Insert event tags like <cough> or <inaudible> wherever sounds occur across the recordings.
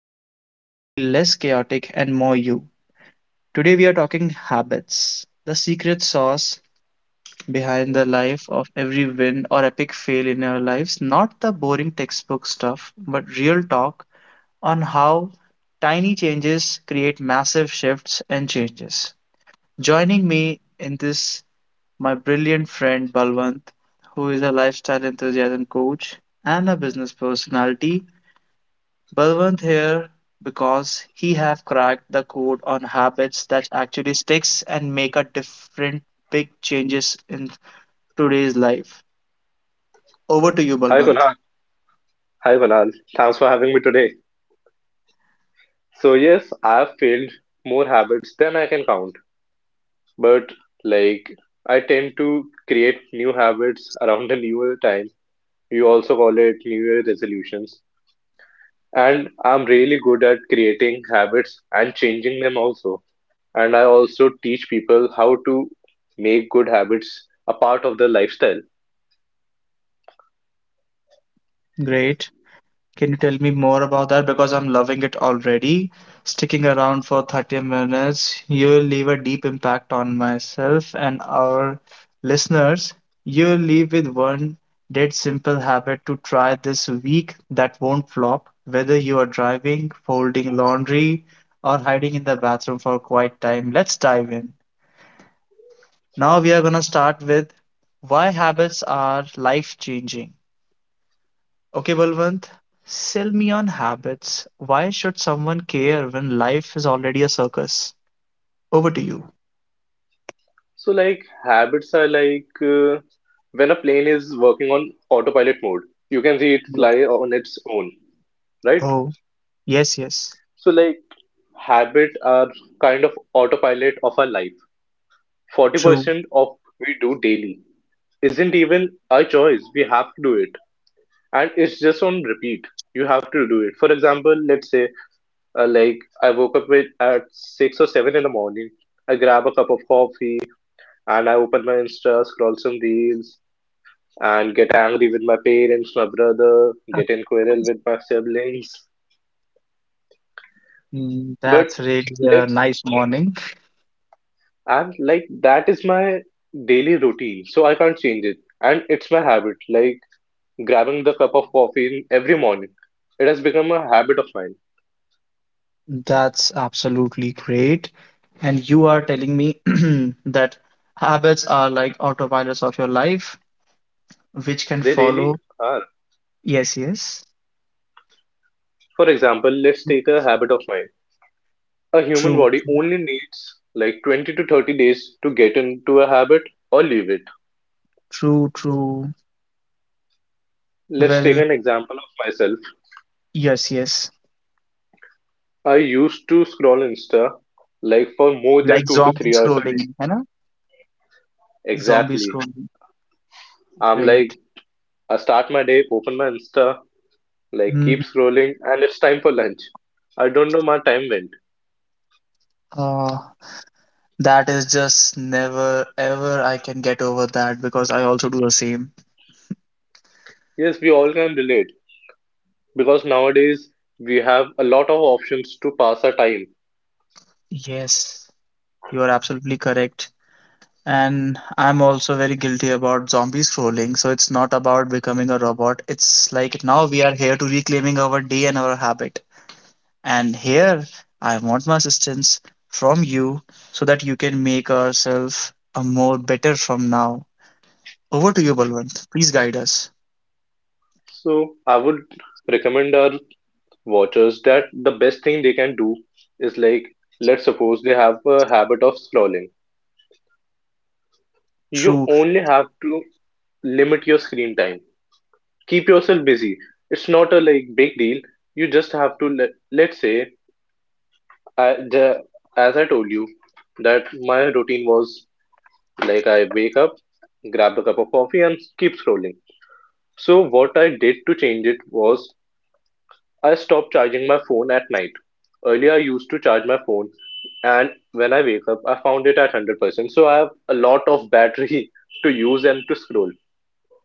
life feel less chaotic and more you. Today we are talking habits, the secret sauce behind the life of every win or epic fail in our lives, not the boring textbook stuff, but real talk on how tiny changes create massive shifts and changes. Joining me in this, my brilliant friend Balwant, who is a lifestyle enthusiasm coach and a business personality. Balwant here because he have cracked the code on habits that actually sticks and make a different big changes in today's life. Over to you, Hi Balwant. Kunal. Hi Kunal. Thanks for having me today. So yes, I've failed more habits than I can count. But like I tend to create new habits around the new year time. You also call it new year resolutions. And I'm really good at creating habits and changing them also. And I also teach people how to make good habits a part of their lifestyle. Great. Can you tell me more about that? Because I'm loving it already. Sticking around for 30 minutes, you'll leave a deep impact on myself and our listeners. You'll leave with one dead simple habit to try this week that won't flop, whether you are driving, folding laundry, or hiding in the bathroom for quiet time. Let's dive in. Now we are going to start with why habits are life changing. Okay, Balwant, sell me on habits. Why should someone care when life is already a circus? Over to you. So, habits are like when a plane is working on autopilot mode, you can see it Yes. fly on its own, right? Oh, yes, yes. So, habit are kind of autopilot of our life. True. 40% of we do daily isn't even a choice. We have to do it. And it's just on repeat. You have to do it. For example, let's say, I woke up at 6 or 7 in the morning. I grab a cup of coffee and I open my Insta, scroll some reels, and get angry with my parents, my brother, get in quarrel with <laughs> my siblings. Mm, But that's really a let's, nice morning. and like that is my daily routine, so I can't change it. And it's my habit, like grabbing the cup of coffee in every morning. It has become a habit of mine. That's absolutely great. And you are telling me <clears throat> that habits are like autopilots of your life, which can They really follow. are. Yes, yes. For example, let's take a habit of mine. A human True, body only needs like 20 to 30 days to get into a habit or leave it. true, true. Let's take Well, an example of myself. yes, yes. I used to scroll Insta like for more than Like two to zombie three hours a day. scrolling, you know? Zombie Exactly. scrolling, I'm like, great. I start my day, open my Insta, like Hmm. keep scrolling, and it's time for lunch. I don't know my time went. Uh, that is just never ever I can get over that because I also do the same. Yes, we all can relate because nowadays we have a lot of options to pass our time. Yes, you are absolutely correct. And I'm also very guilty about zombie scrolling. So it's not about becoming a robot. It's like now we are here to reclaiming our day and our habit. And here I want my assistance from you so that you can make ourselves a more better from now. Over to you, Balwant. Please guide us. So I would recommend our watchers that the best thing they can do is like, let's suppose they have a habit of scrolling. You True. only have to limit your screen time keep yourself busy. It's not a like big deal. You just have to let's say I the, as I told you that my routine was like I wake up, grab a cup of coffee and keep scrolling. So what I did to change it was I stopped charging my phone at night. Earlier I used to charge my phone and when I wake up I found it at 100%. So I have a lot of battery <laughs> to use and to scroll.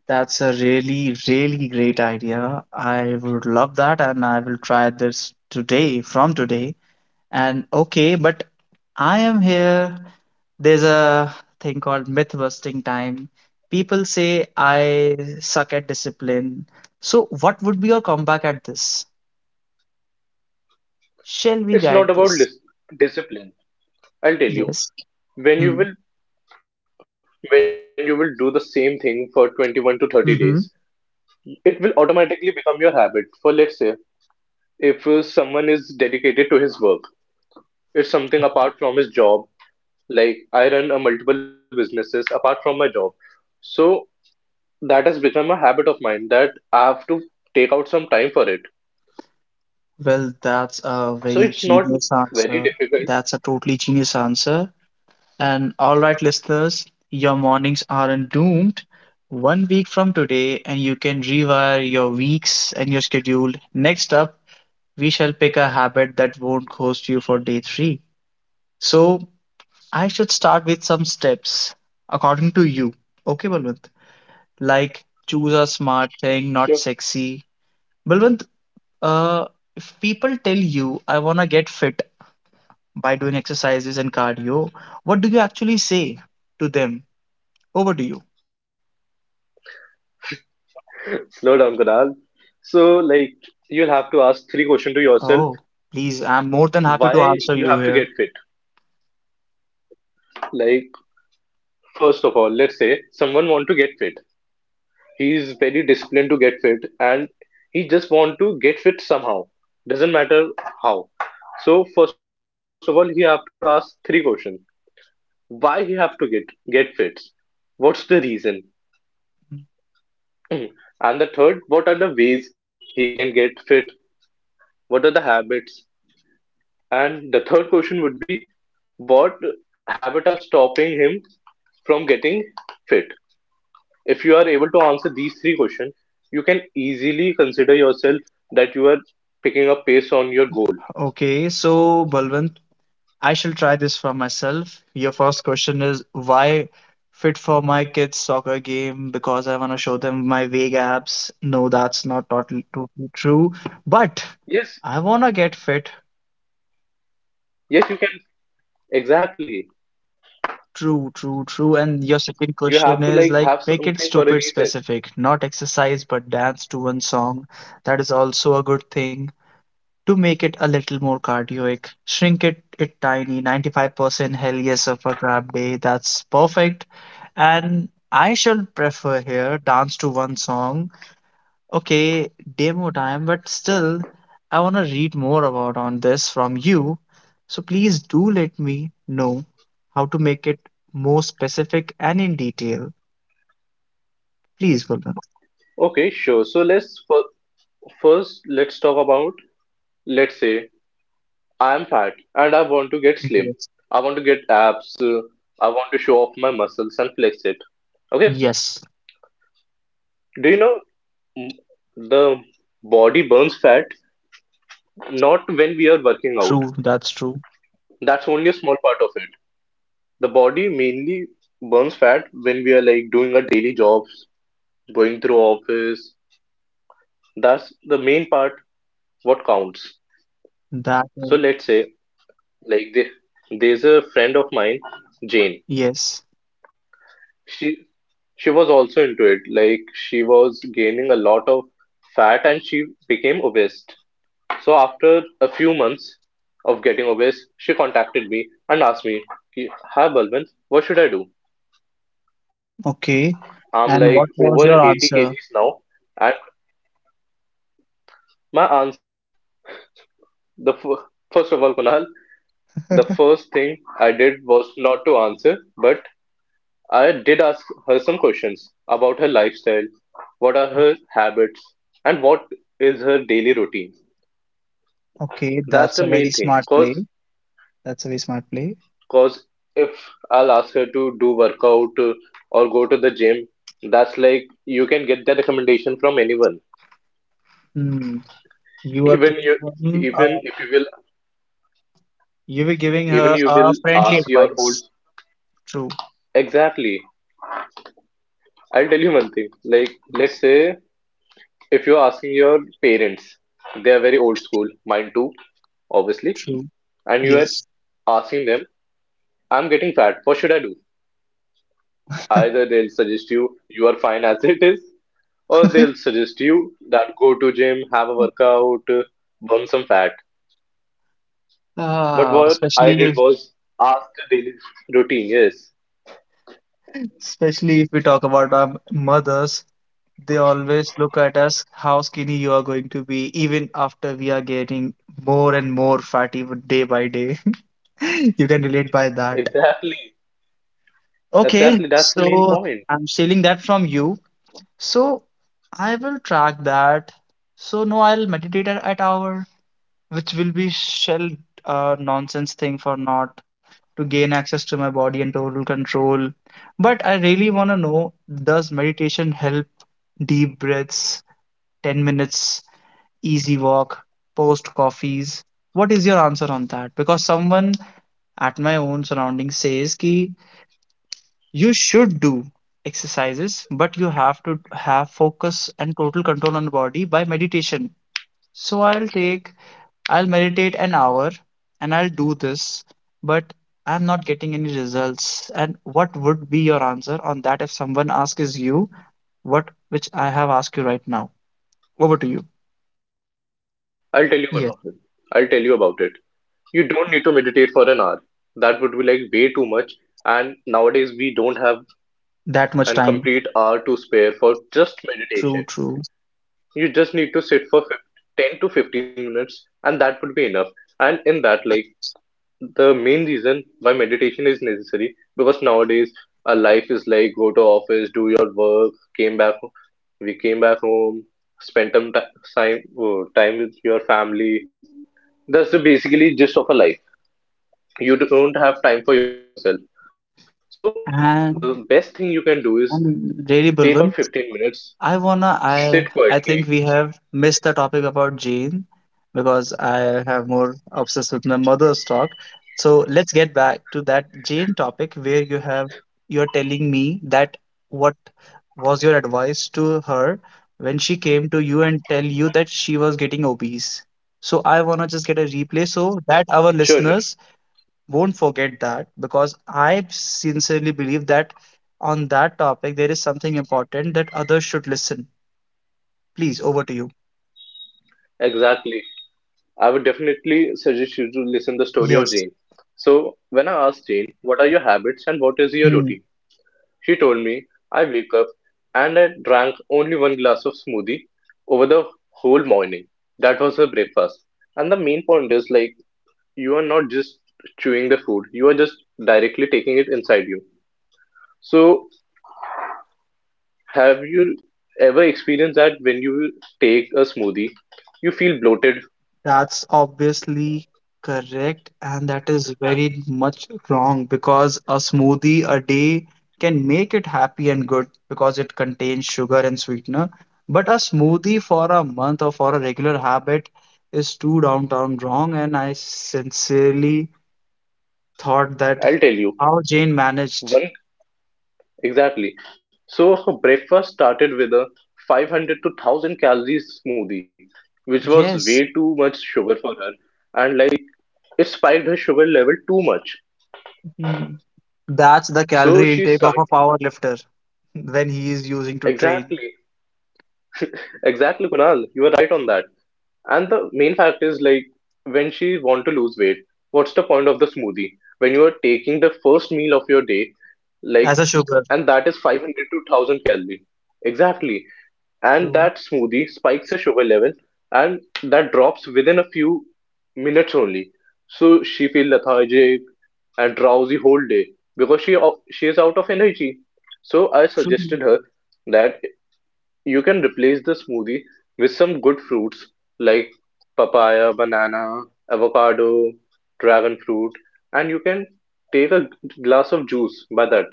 That's a really, really great idea. I would love that, and I will try this today, from today. And okay, but I am here. There's a thing called myth busting time. People say I suck at discipline. So, what would be your comeback at this? Shall we It's not guide about this? Discipline. I'll tell Yes. you Hmm. when you will when you will do the same thing for 21 to 30 days, Mm-hmm. it will automatically become your habit. For let's say, if someone is dedicated to his work, it's something apart from his job. Like I run a multiple businesses apart from my job, so that has become a habit of mine that I have to take out some time for it. Well, that's So a it's not very genius very difficult. answer. That's a totally genius answer. And all right, listeners, your mornings aren't doomed. One week from today, and you can rewire your weeks and your schedule. Next up, we shall pick a habit that won't cost you for day three. So, I should start with some steps according to you. Okay, Balwant? Like choose a smart thing, not Sure. sexy. Balwant, uh, if people tell you, I want to get fit by doing exercises and cardio, what do you actually say to them? Over to you. <laughs> Slow down, Kunal. So, you'll have to ask three questions to yourself. Oh, please, I'm more than happy to Why answer you have you to get here. fit? Like first of all, let's say someone want to get fit. He is very disciplined to get fit and he just want to get fit somehow. Doesn't matter how. So first of all, he have to ask three questions. Why he have to get fit? What's the reason? <clears throat> And the third, what are the ways he can get fit? What are the habits? And the third question would be what habit are stopping him from getting fit? If you are able to answer these three questions, you can easily consider yourself that you are picking up pace on your goal. Okay, so Balwant, I shall try this for myself. Your first question is why fit for my kids soccer game because I want to show them my vague abs. No, that's not totally, totally true, but Yes, I want to get fit. yes, you can. Exactly. True, true, true. And your You second have to question like is have like something make it for a stupid reason. specific, not exercise but dance to one song. That is also a good thing to make it a little more cardioic. Shrink it, it tiny, 95% hell yes of a crab day. That's perfect. And I shall prefer here dance to one song. Okay, demo time, but still, I want to read more about on this from you. So please do let me know how to make it more specific and in detail. Please, Vulcan. Okay, sure. So let's first let's talk about let's say I am fat and I want to get slim. Yes. I want to get abs. I want to show off my muscles and flex it. Okay. Yes, Do you know mm, the body burns fat not when we are working out. true. That's true. That's only a small part of it. The body mainly burns fat when we are like doing our daily jobs, going through office. That's the main part what counts. That So is, let's say like there's a friend of mine, Jane. yes. She she was also into it. Like she was gaining a lot of fat and she became obese. So after a few months of getting obese, she contacted me and asked me, "Ki, "Hi Balwant, what should I do? Okay. I'm like And over what was 80 your kgs answer? now." My answers, the first of all, Kunal, the <laughs> first thing I did was not to answer, but I did ask her some questions about her lifestyle, what are her habits, and what is her daily routine. Okay, that's That's a the very main thing. smart play. Cause, That's a very smart play. cause if I'll ask her to do workout or go to the gym, that's like you can get that recommendation from anyone. Hmm. You were Even giving you, him, even uh, if you will, you were giving even her you will a friendly ask your old advice. True. exactly I'll tell you one thing. Like, let's Yes. say if you're asking your parents, they are very old school, mine too, obviously, True. and you are Yes. asking them, I'm getting fat, what should I do? Either they'll suggest you, you are fine as it is, or they'll <laughs> suggest you that go to gym, have a workout, burn some fat. But Ah, what especially I did if, was ask the daily routine. Yes, especially if we talk about our mothers, they always look at us how skinny you are going to be, even after we are getting more and more fatty with- day by day. <laughs> You can relate by that. exactly, Okay, exactly. That's the main so point. I'm stealing that from you. So I will track that. So no, I'll meditate at hour, which will be shell nonsense thing for not to gain access to my body and total control. But I really want to know, does meditation help deep breaths, 10 minutes, easy walk, post coffees? What is your answer on that? Because someone at my own surrounding says ki you should do exercises but you have to have focus and total control on the body by meditation, so I'll take, I'll meditate an hour and I'll do this, but I'm not getting any results. And what would be your answer on that if someone asks you what which I have asked you right now? Over to you. I'll tell you one Yes, of it. I'll tell you about it. You don't need to meditate for an hour. That would be like way too much. And nowadays, we don't have that much an time. complete hour to spare for just True, meditation. true. You just need to sit for 10 to 15 minutes, and that would be enough. And in that, like, the main reason why meditation is necessary because nowadays our life is like go to office, do your work, came back, we came back home, spend some time, oh, time with your family. That's the basically gist of a life. You don't have time for yourself, so the best and thing you can do is take out and really 15 Balwant, minutes, I sit wanna quietly. I think we have missed the topic about Jane because I have more obsessed with my mother's talk. So let's get back to that Jane topic where you have, you're telling me that what was your advice to her when she came to you and tell you that she was getting obese. So I wanna just get a replay so that our Sure, sure, listeners won't forget that because I sincerely believe that on that topic there is something important that others should listen. Please, over to you. exactly, I would definitely suggest you to listen the story of Yes. Jane. So when I asked Jane what are your habits and what is your Hmm. routine, she told me I wake up and I drank only one glass of smoothie over the whole morning. That was her breakfast. And the main point is like you are not just chewing the food, you are just directly taking it inside you. So, have you ever experienced that when you take a smoothie, you feel bloated? That's obviously correct, and that is very much wrong because a smoothie a day can make it happy and good because it contains sugar and sweetener. But a smoothie for a month or for a regular habit is too downtown wrong, and I sincerely thought that I'll tell you. how Jane managed. One, exactly. So, <laughs> breakfast started with a 500 to 1000 calories smoothie, which was way Yes. too much sugar for her. And like, it spiked her sugar level too much. Hmm. That's the So, calorie she intake of a started. power lifter <laughs> when he is using to train. Exactly. Exactly, Kunal. You were right on that. And the main fact is like when she want to lose weight, what's the point of the smoothie? When you are taking the first meal of your day, like As a sugar. and that is 500 to 1000 calorie. Exactly. And True, that smoothie spikes your sugar level and that drops within a few minutes only. So she feels lethargic and drowsy whole day because she is out of energy. So I true. suggested her that you can replace the smoothie with some good fruits like papaya, banana, avocado, dragon fruit, and you can take a glass of juice by that.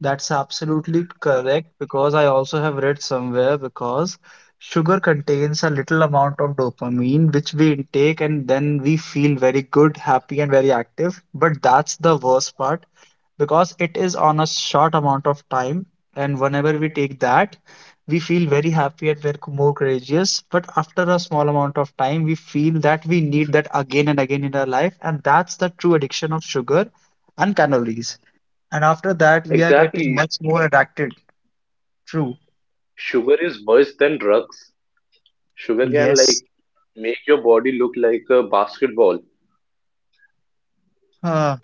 That's absolutely correct because I also have read somewhere because sugar contains a little amount of dopamine which we intake and then we feel very good, happy, and very active. But that's the worst part because it is on a short amount of time, and whenever we take that we feel very happy and we're more courageous, but after a small amount of time we feel that we need that again and again in our life, and that's the true addiction of sugar and calories, and after that we are getting Exactly. much more addicted. True. Sugar is worse than drugs. Sugar can Yes. like make your body look like a basketball. uh,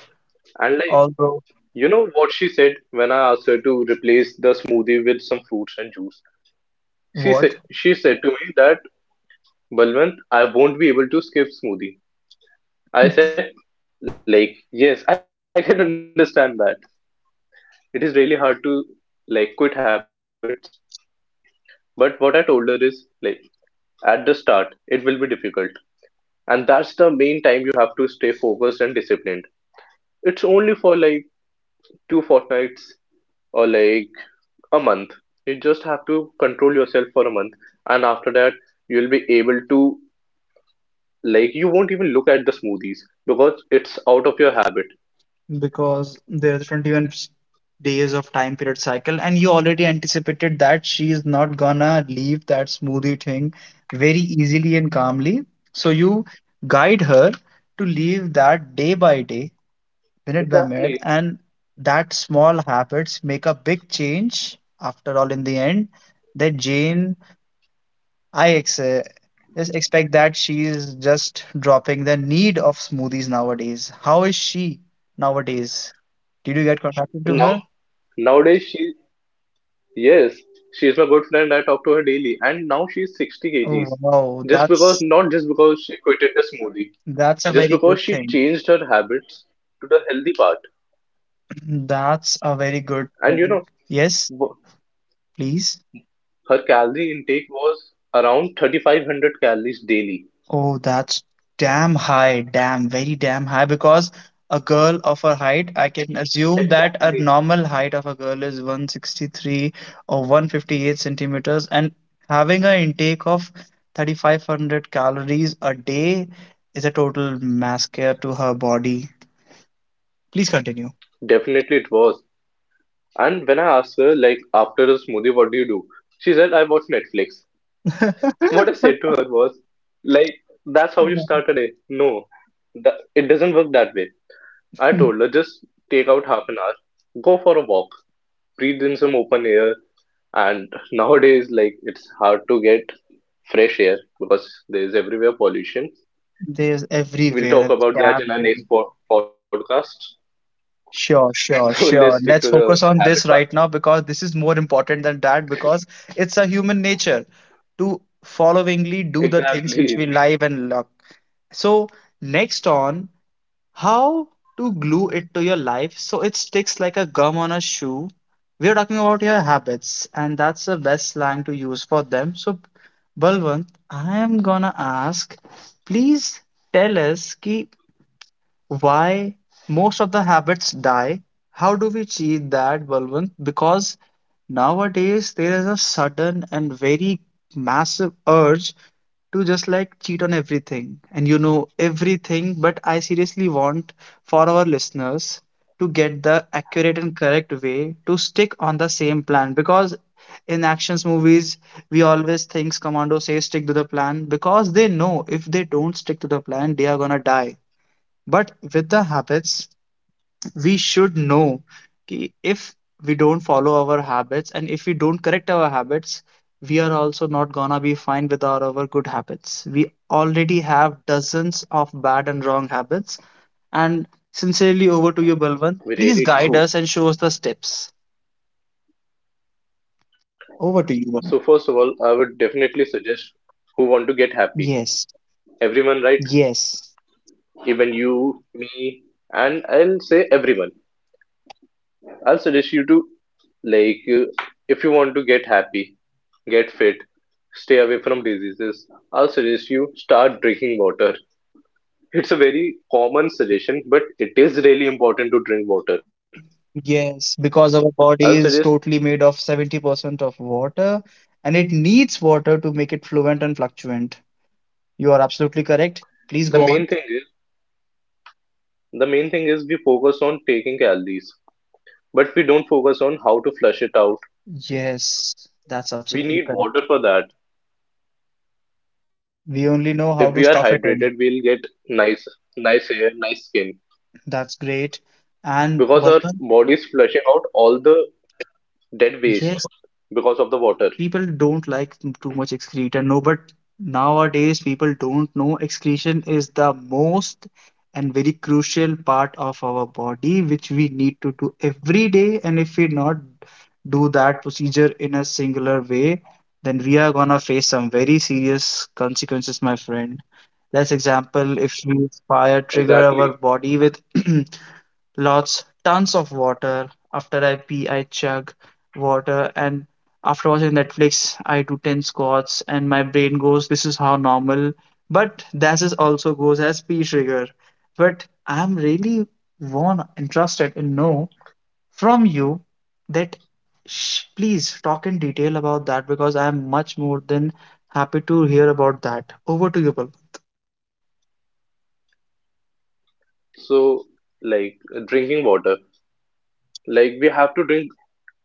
And like, although you know what she said when I asked her to replace the smoothie with some fruits and juice? What She said to me that Balwant, I won't be able to skip smoothie. <laughs> I said, like, yes, <laughs> I can understand that. It is really hard to like quit habits. But what I told her is like at the start, it will be difficult. And that's the main time you have to stay focused and disciplined. It's only for like two fortnights or like a month. You just have to control yourself for a month. And after that, you'll be able to you won't even look at the smoothies because it's out of your habit. Because there's days of time period cycle, and you already anticipated that she is not gonna leave that smoothie thing very easily and calmly, so you guide her to leave that day by day, minute Exactly. by minute, and that small habits make a big change after all. In the end, that Jane, I ex just expect that she is just dropping the need of smoothies nowadays. How is she nowadays? Did you get contacted to Now her? nowadays she Yes, she is my good friend. I talk to her daily, and now she is 60 Oh kgs. wow, Just because, that's not just because she quitted the smoothie, that's a just very good because she thing. changed her habits to the healthy part. <clears throat> That's a very good And you thing. know, Yes, wh- please. her calorie intake was around 3500 calories daily. Oh, that's damn high, damn, very damn high. Because a girl of her height, I can assume that a Exactly. normal height of a girl is 163 or 158 centimeters, and having an intake of 3,500 calories a day is a total massacre to her body. Please continue. Definitely it was. And when I asked her, like, after a smoothie, what do you do? She said, I watch Netflix. <laughs> What I <laughs> said to her was, like, that's how you start a day. No, that, it doesn't work that way. I told her, just take out half an hour, go for a walk, breathe in some open air. And nowadays, it's hard to get fresh air because there's everywhere pollution. There's We'll everywhere, talk every about that damn in our where. next podcast. Sure, <laughs> So sure, let's stick sure. to Let's the focus on habit this part. right now because this is more important than that because it's a human nature to followingly do the things which we Exactly. live and love. So, next on how to glue it to your life so it sticks like a gum on a shoe. We are talking about your habits, and that's the best slang to use for them. So, Balwant, I am gonna ask, please tell us ki why most of the habits die, how do we cheat that, Balwant? Because nowadays there is a sudden and very massive urge to just like cheat on everything and you know everything, but I seriously want for our listeners to get the accurate and correct way to stick on the same plan because in actions movies we always think commando say stick to the plan because they know if they don't stick to the plan they are gonna die. But with the habits, we should know that if we don't follow our habits and if we don't correct our habits, we are also not gonna be fine without our good habits. We already have dozens of bad and wrong habits. And sincerely, over to you, Balwant. <laughs> We Please really guide do. us and show us the steps. Over to you, Balwant. So, first of all, I would definitely suggest who want to get happy. Yes, Everyone, right? yes, Even you, me, and I'll say everyone. I'll suggest you to, like, you, if you want to get happy, get fit, stay away from diseases, I'll suggest you start drinking water. It's a very common suggestion, but it is really important to drink water. yes, because our I'll body suggest, is totally made of 70% of water and it needs water to make it fluent and fluctuant. You are absolutely correct. Please the go main on. thing is the main thing is we focus on taking calories, but we don't focus on how to flush it out. Yes, that's We absolutely need correct. water for that. We only know If how we to are stuff it in. hydrated, we'll get nice nice hair, nice skin, That's great. And because our Balwant, body is flushing out all the dead yes, waste because of the water. people don't like too much excreta. No, but nowadays people don't know excretion is the most and very crucial part of our body, which we need to do every day. And if we not do that procedure in a singular way, then we are gonna face some very serious consequences, my friend. Let's example, if we fire trigger our Exactly. body with <clears throat> lots, tons of water. After I pee, I chug water, and after watching Netflix, I do 10 squats, and my brain goes, This is how normal. But that is also goes as pee trigger. But I'm really want interested in know from you that sh please talk in detail about that because I am much more than happy to hear about that. Over to you, Pal. So, drinking water, like, we have to drink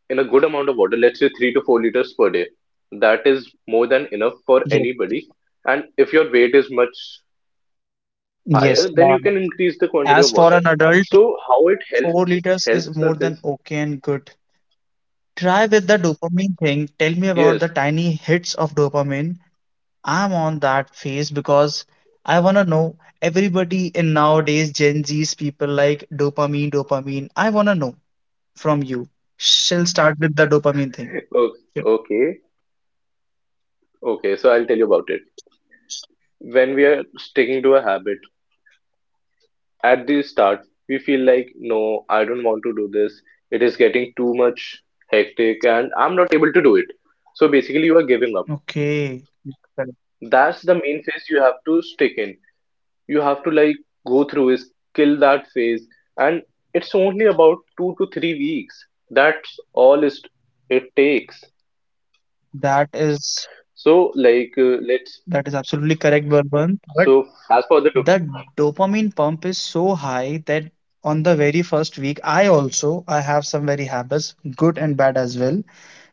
in a good amount of water, let's say 3 to 4 liters per day. That is more than enough for anybody. And if your weight is much higher, then you Yes, can increase the quantity of water. as for an So, adult, how it helps, 4 liters helps us is is more than okay and good. Try with the dopamine thing. Tell me about yes. the tiny hits of dopamine. I'm on that phase because I wanna know everybody in nowadays Gen Z's people like dopamine, dopamine. I wanna know from you. She'll start with the dopamine thing. <laughs> o- Yeah. okay, okay. So I'll tell you about it. When we are sticking to a habit, at the start, we feel like, no, I don't want to do this. It is getting too much hectic and I'm not able to do it. So basically, you are giving up. Okay. Correct. That's the main phase you have to stick in. You have to, like, go through is kill that phase, and it's only about 2 to 3 weeks. That's all is it takes. That is So let's, that is absolutely correct, Bourbon. But so as for the, the dopamine pump is so high that on the very first week I also I have some very habits good and bad as well,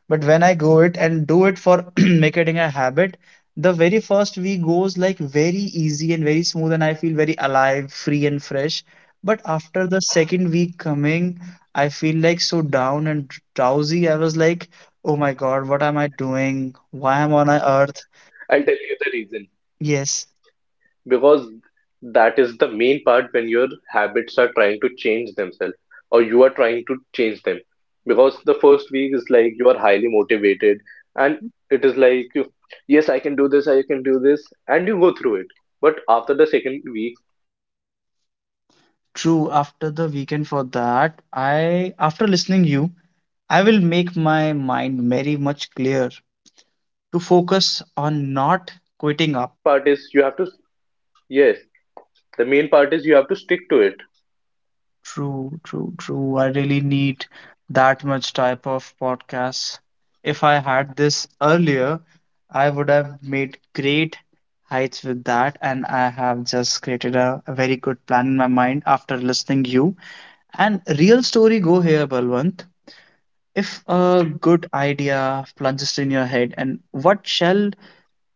but when I go it and do it for <clears throat> making a habit, the very first week goes like very easy and very smooth, and I feel very alive, free and fresh, but after the second week coming, I feel like so down and drowsy. I was like, oh my god, what am I doing, why am I on earth? I'll tell you the reason, Yes. because that is the main part when your habits are trying to change themselves, or you are trying to change them, because the first week is like you are highly motivated, and it is like yes, I can do this, I can do this, and you go through it. But after the second week, you are kind of getting True, after the weekend for like that, uh, I after habited to listening it, you, so you I are will make adapting it. my mind very So much that's clear when you are to focus trying to give on up. not quitting The up. main part is you have to, yes, the main part is you have to stick to it. True, true, true. I really need that much type of podcast. If I had this earlier, I would have made great heights with that, and I have just created a very good plan in my mind after listening you. And real story go here, Balwant. If a good idea plunges in your head, and what shall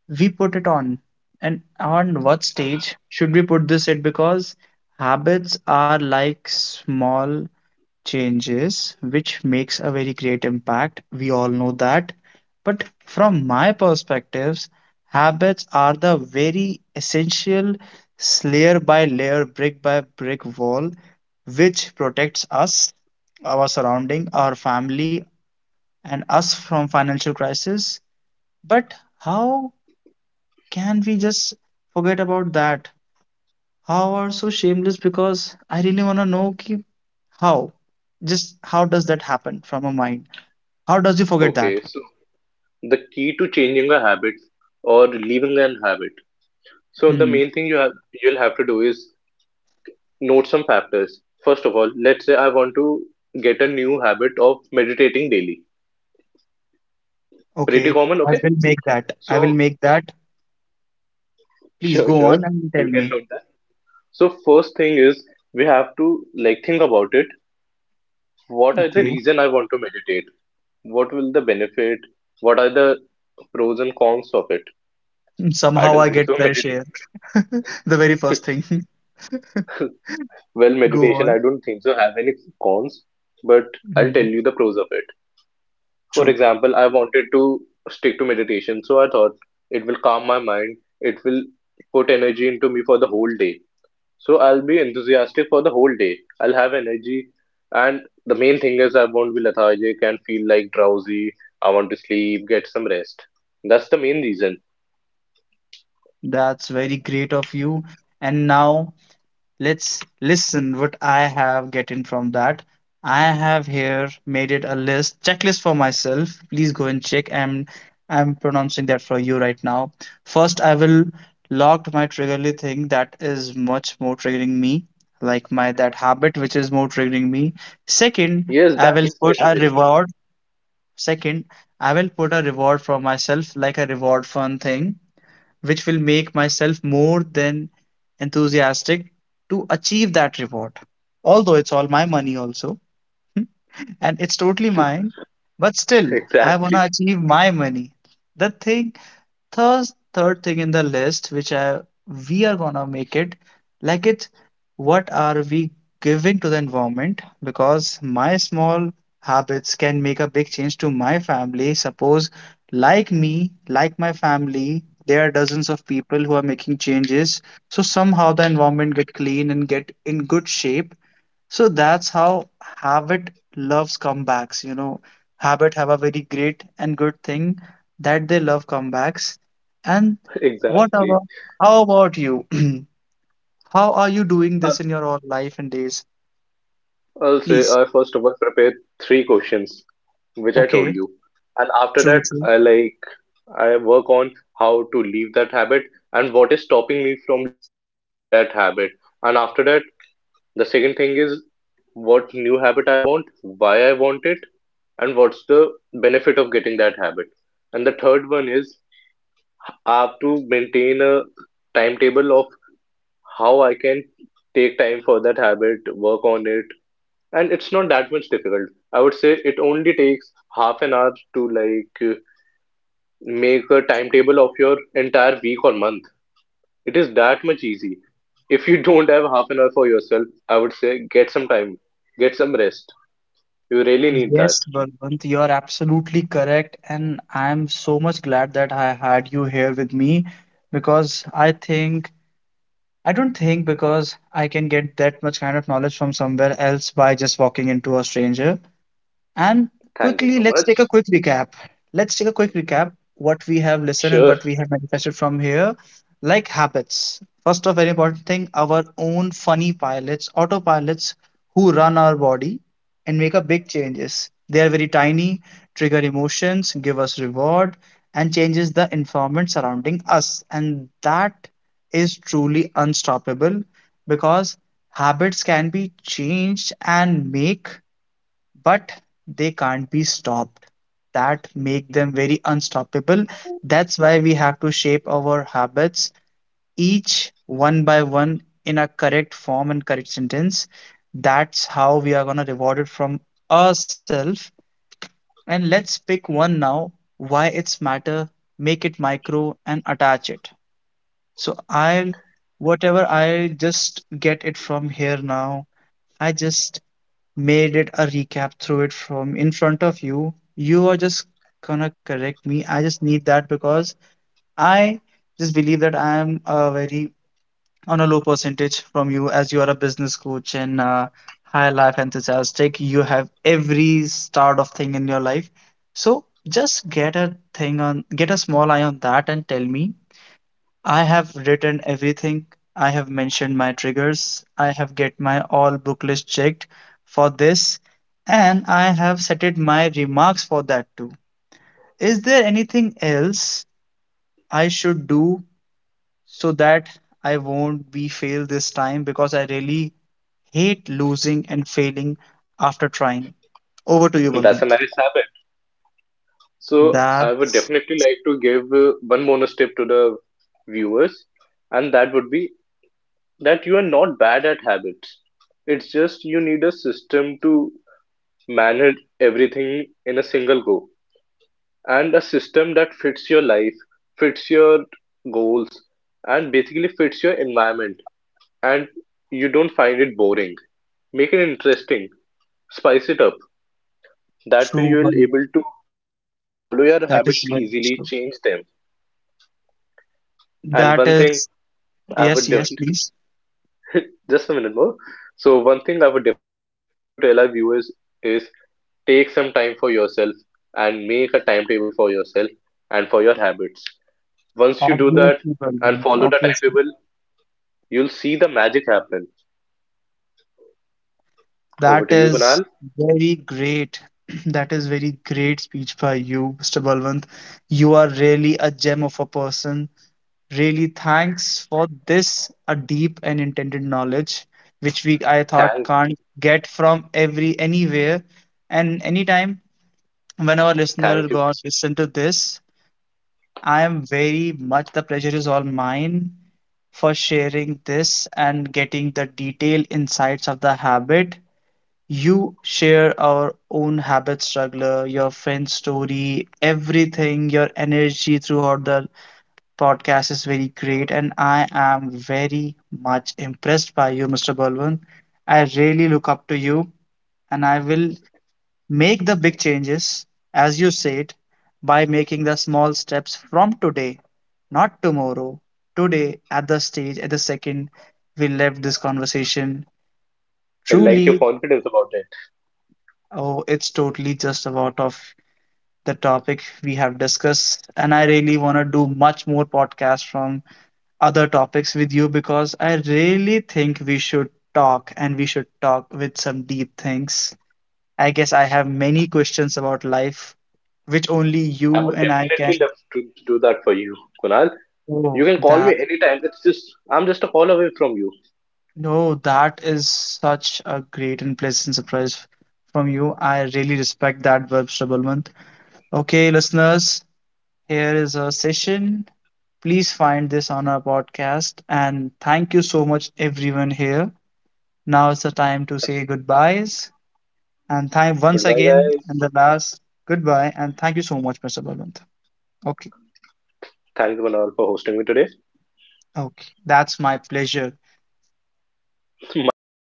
we put it on? And on what stage should we put this at? Because habits are like small changes which makes a very great impact. We all know that. But from my perspectives, habits are the very essential layer by layer, brick by brick wall, which protects us, our surrounding, our family, and us from financial crisis, but how can we just forget about that? How are so shameless? Because I really want to know ki how, just how does that happen from a mind? How does you forget Okay, that? so the key to changing a habit or leaving an habit. So the Hmm. main thing you have you'll have to do is note some factors. First of all, let's say I want to get a new habit of meditating daily. Pretty Okay, common, i okay? will make that i So will make that Please sure, go on sure, and tell you can me. note that. So first thing is, we have to, like, think about it. What are the Okay, reason I want to meditate? What will the benefit? What are the pros and cons of it? I somehow don't I think get so. fair Meditation, share. <laughs> The very first thing. <laughs> well, Go meditation, I on. don't think so, have any cons, but I'll tell Mhm. you the pros of it. For True. example, I wanted to stick to meditation, so I thought it will calm my mind, it will put energy into me for the whole day. So I'll be enthusiastic for the whole day. I'll have energy, and the main thing is I won't be lethargic and feel like drowsy. I want to sleep, get some rest. That's the main reason. That's very great of you, and now let's listen what I have gotten from that. I have here made it a list checklist for myself. Please go and check. I'm pronouncing that for you right now. First, I will logged my triggerly thing that is much more triggering me, like my that habit which is more triggering me. Second, Yes, I that will is put a necessary. reward. Second, I will put a reward for myself, like a reward fun thing which will make myself more than enthusiastic to achieve that reward. Although it's all my money, also, and it's totally mine, but still, I want to <laughs> achieve my money. The thing, third thing in the list which I, we are gonna make it, like, it's, what are we giving to the environment, because my small habits can make a big change to my family, suppose, like me, like my family, there are dozens of people who are making changes, so somehow the environment get clean and get in good shape. So that's how habit loves comebacks. You know, habit have a very great and good thing, that they love comebacks. And Exactly, what exactly. about, how about you? <clears throat> How are you doing I'll this in your own life and days? I'll say, Please. I first of all prepare three questions which I told Okay, you. And after true, that, true. I work on how to leave that habit, and what is stopping me from leaving that habit. And after that, the second thing is what new habit I want, why I want it, and what's the benefit of getting that habit. And the third one is I have to maintain a timetable of how I can take time for that habit, work on it, and it's not that much difficult. I would say it only takes half an hour to, like, make a timetable of your entire week or month. It is that much easy. If you don't have half an hour for yourself, I would say get some time, get some rest. You really need that. Yes, Balwant, you are absolutely correct, and I am so much glad that I had you here with me, because I think, I don't think, because I can get that much kind of knowledge from somewhere else by just walking into a stranger. And Thank you quickly, so let's much. take a quick recap. Let's take a quick recap what we have listened and Sure. what we have manifested from here. Like habits. First of very important thing, our own funny pilots, autopilots who run our body and make up big changes. They are very tiny, trigger emotions, give us reward, and changes the environment surrounding us. And that is truly unstoppable, because habits can be changed and make, but they can't be stopped. That make them very unstoppable. That's why we have to shape our habits each one by one in a correct form and correct sentence. That's how we are going to reward it from ourselves. And let's pick one now, why it's matter, make it micro and attach it. So I will, whatever I just get it from here now, I just made it a recap through it from in front of you. You are just gonna correct me. I just need that because I just believe that I am a very on a low percentage from you, as you are a business coach and high life enthusiastic. You have every start of thing in your life. So just get a thing on, get a small eye on that and tell me. I have written everything. I have mentioned my triggers. I have get my all book list checked for this, and I have setted my remarks for that too. Is there anything else I should do, so that I won't be failed this time, because I really hate losing and failing after trying. Over to you, <laughs> That's a Balwant. nice habit. So, I would That's definitely like to give one bonus tip to the viewers, and that would be that you are not bad at habits. It's just you need a system to manage everything in a single go, and a system that fits your life, fits your goals, and basically fits your environment. And you don't find it boring. Make it interesting. Spice it up. That way you true, will Balwant. able to follow your That is habits very easily, true. change them. And That one thing is, I yes, would yes, please. just a minute more. So one thing I would definitely love to tell our viewers is take some time for yourself and make a timetable for yourself and for your habits. Once you do that Obviously, and Balwant, follow the obviously. timetable, you'll see the magic happen. Over That to you, is Kunal. very great. <clears throat> That is very great speech by you, Mr. Balwant. You are really a gem of a person. Really, thanks for this, a deep and intended knowledge, which we I thought Thank, can't get from every anywhere and anytime when our listener thank you. goes listen to this. I am very much, the pleasure is all mine for sharing this and getting the detailed insights of the habit. You share our own habit struggler, your friend's story, everything, your energy throughout the podcast is very great. And I am very much impressed by you, Mr. Balwant. I really look up to you, and I will make the big changes, as you said, by making the small steps from today, not tomorrow. Today, at the stage, at the second we left this conversation, I like your truly, confidence about it. oh, it's totally just about of the topic we have discussed. And I really want to do much more podcasts from other topics with you, because I really think we should talk, and we should talk with some deep things. I guess I have many questions about life, which only I you would and I can. definitely love to do that for you, Kunal. You Oh, can call me that. anytime. It's just, I'm just a call away from you. No, that is such a great and pleasant surprise from you. I really respect that verb, Shrabalwant. Okay, listeners, here is a session. Please find this on our podcast. And thank you so much, everyone here. Now is the time to say goodbyes. And thank once Goodbye, again, guys. and the last goodbye. And thank you so much, Mr. Balwant. Okay. Thanks, Kunal, for hosting me today. Okay, that's my pleasure. <laughs> Mine too.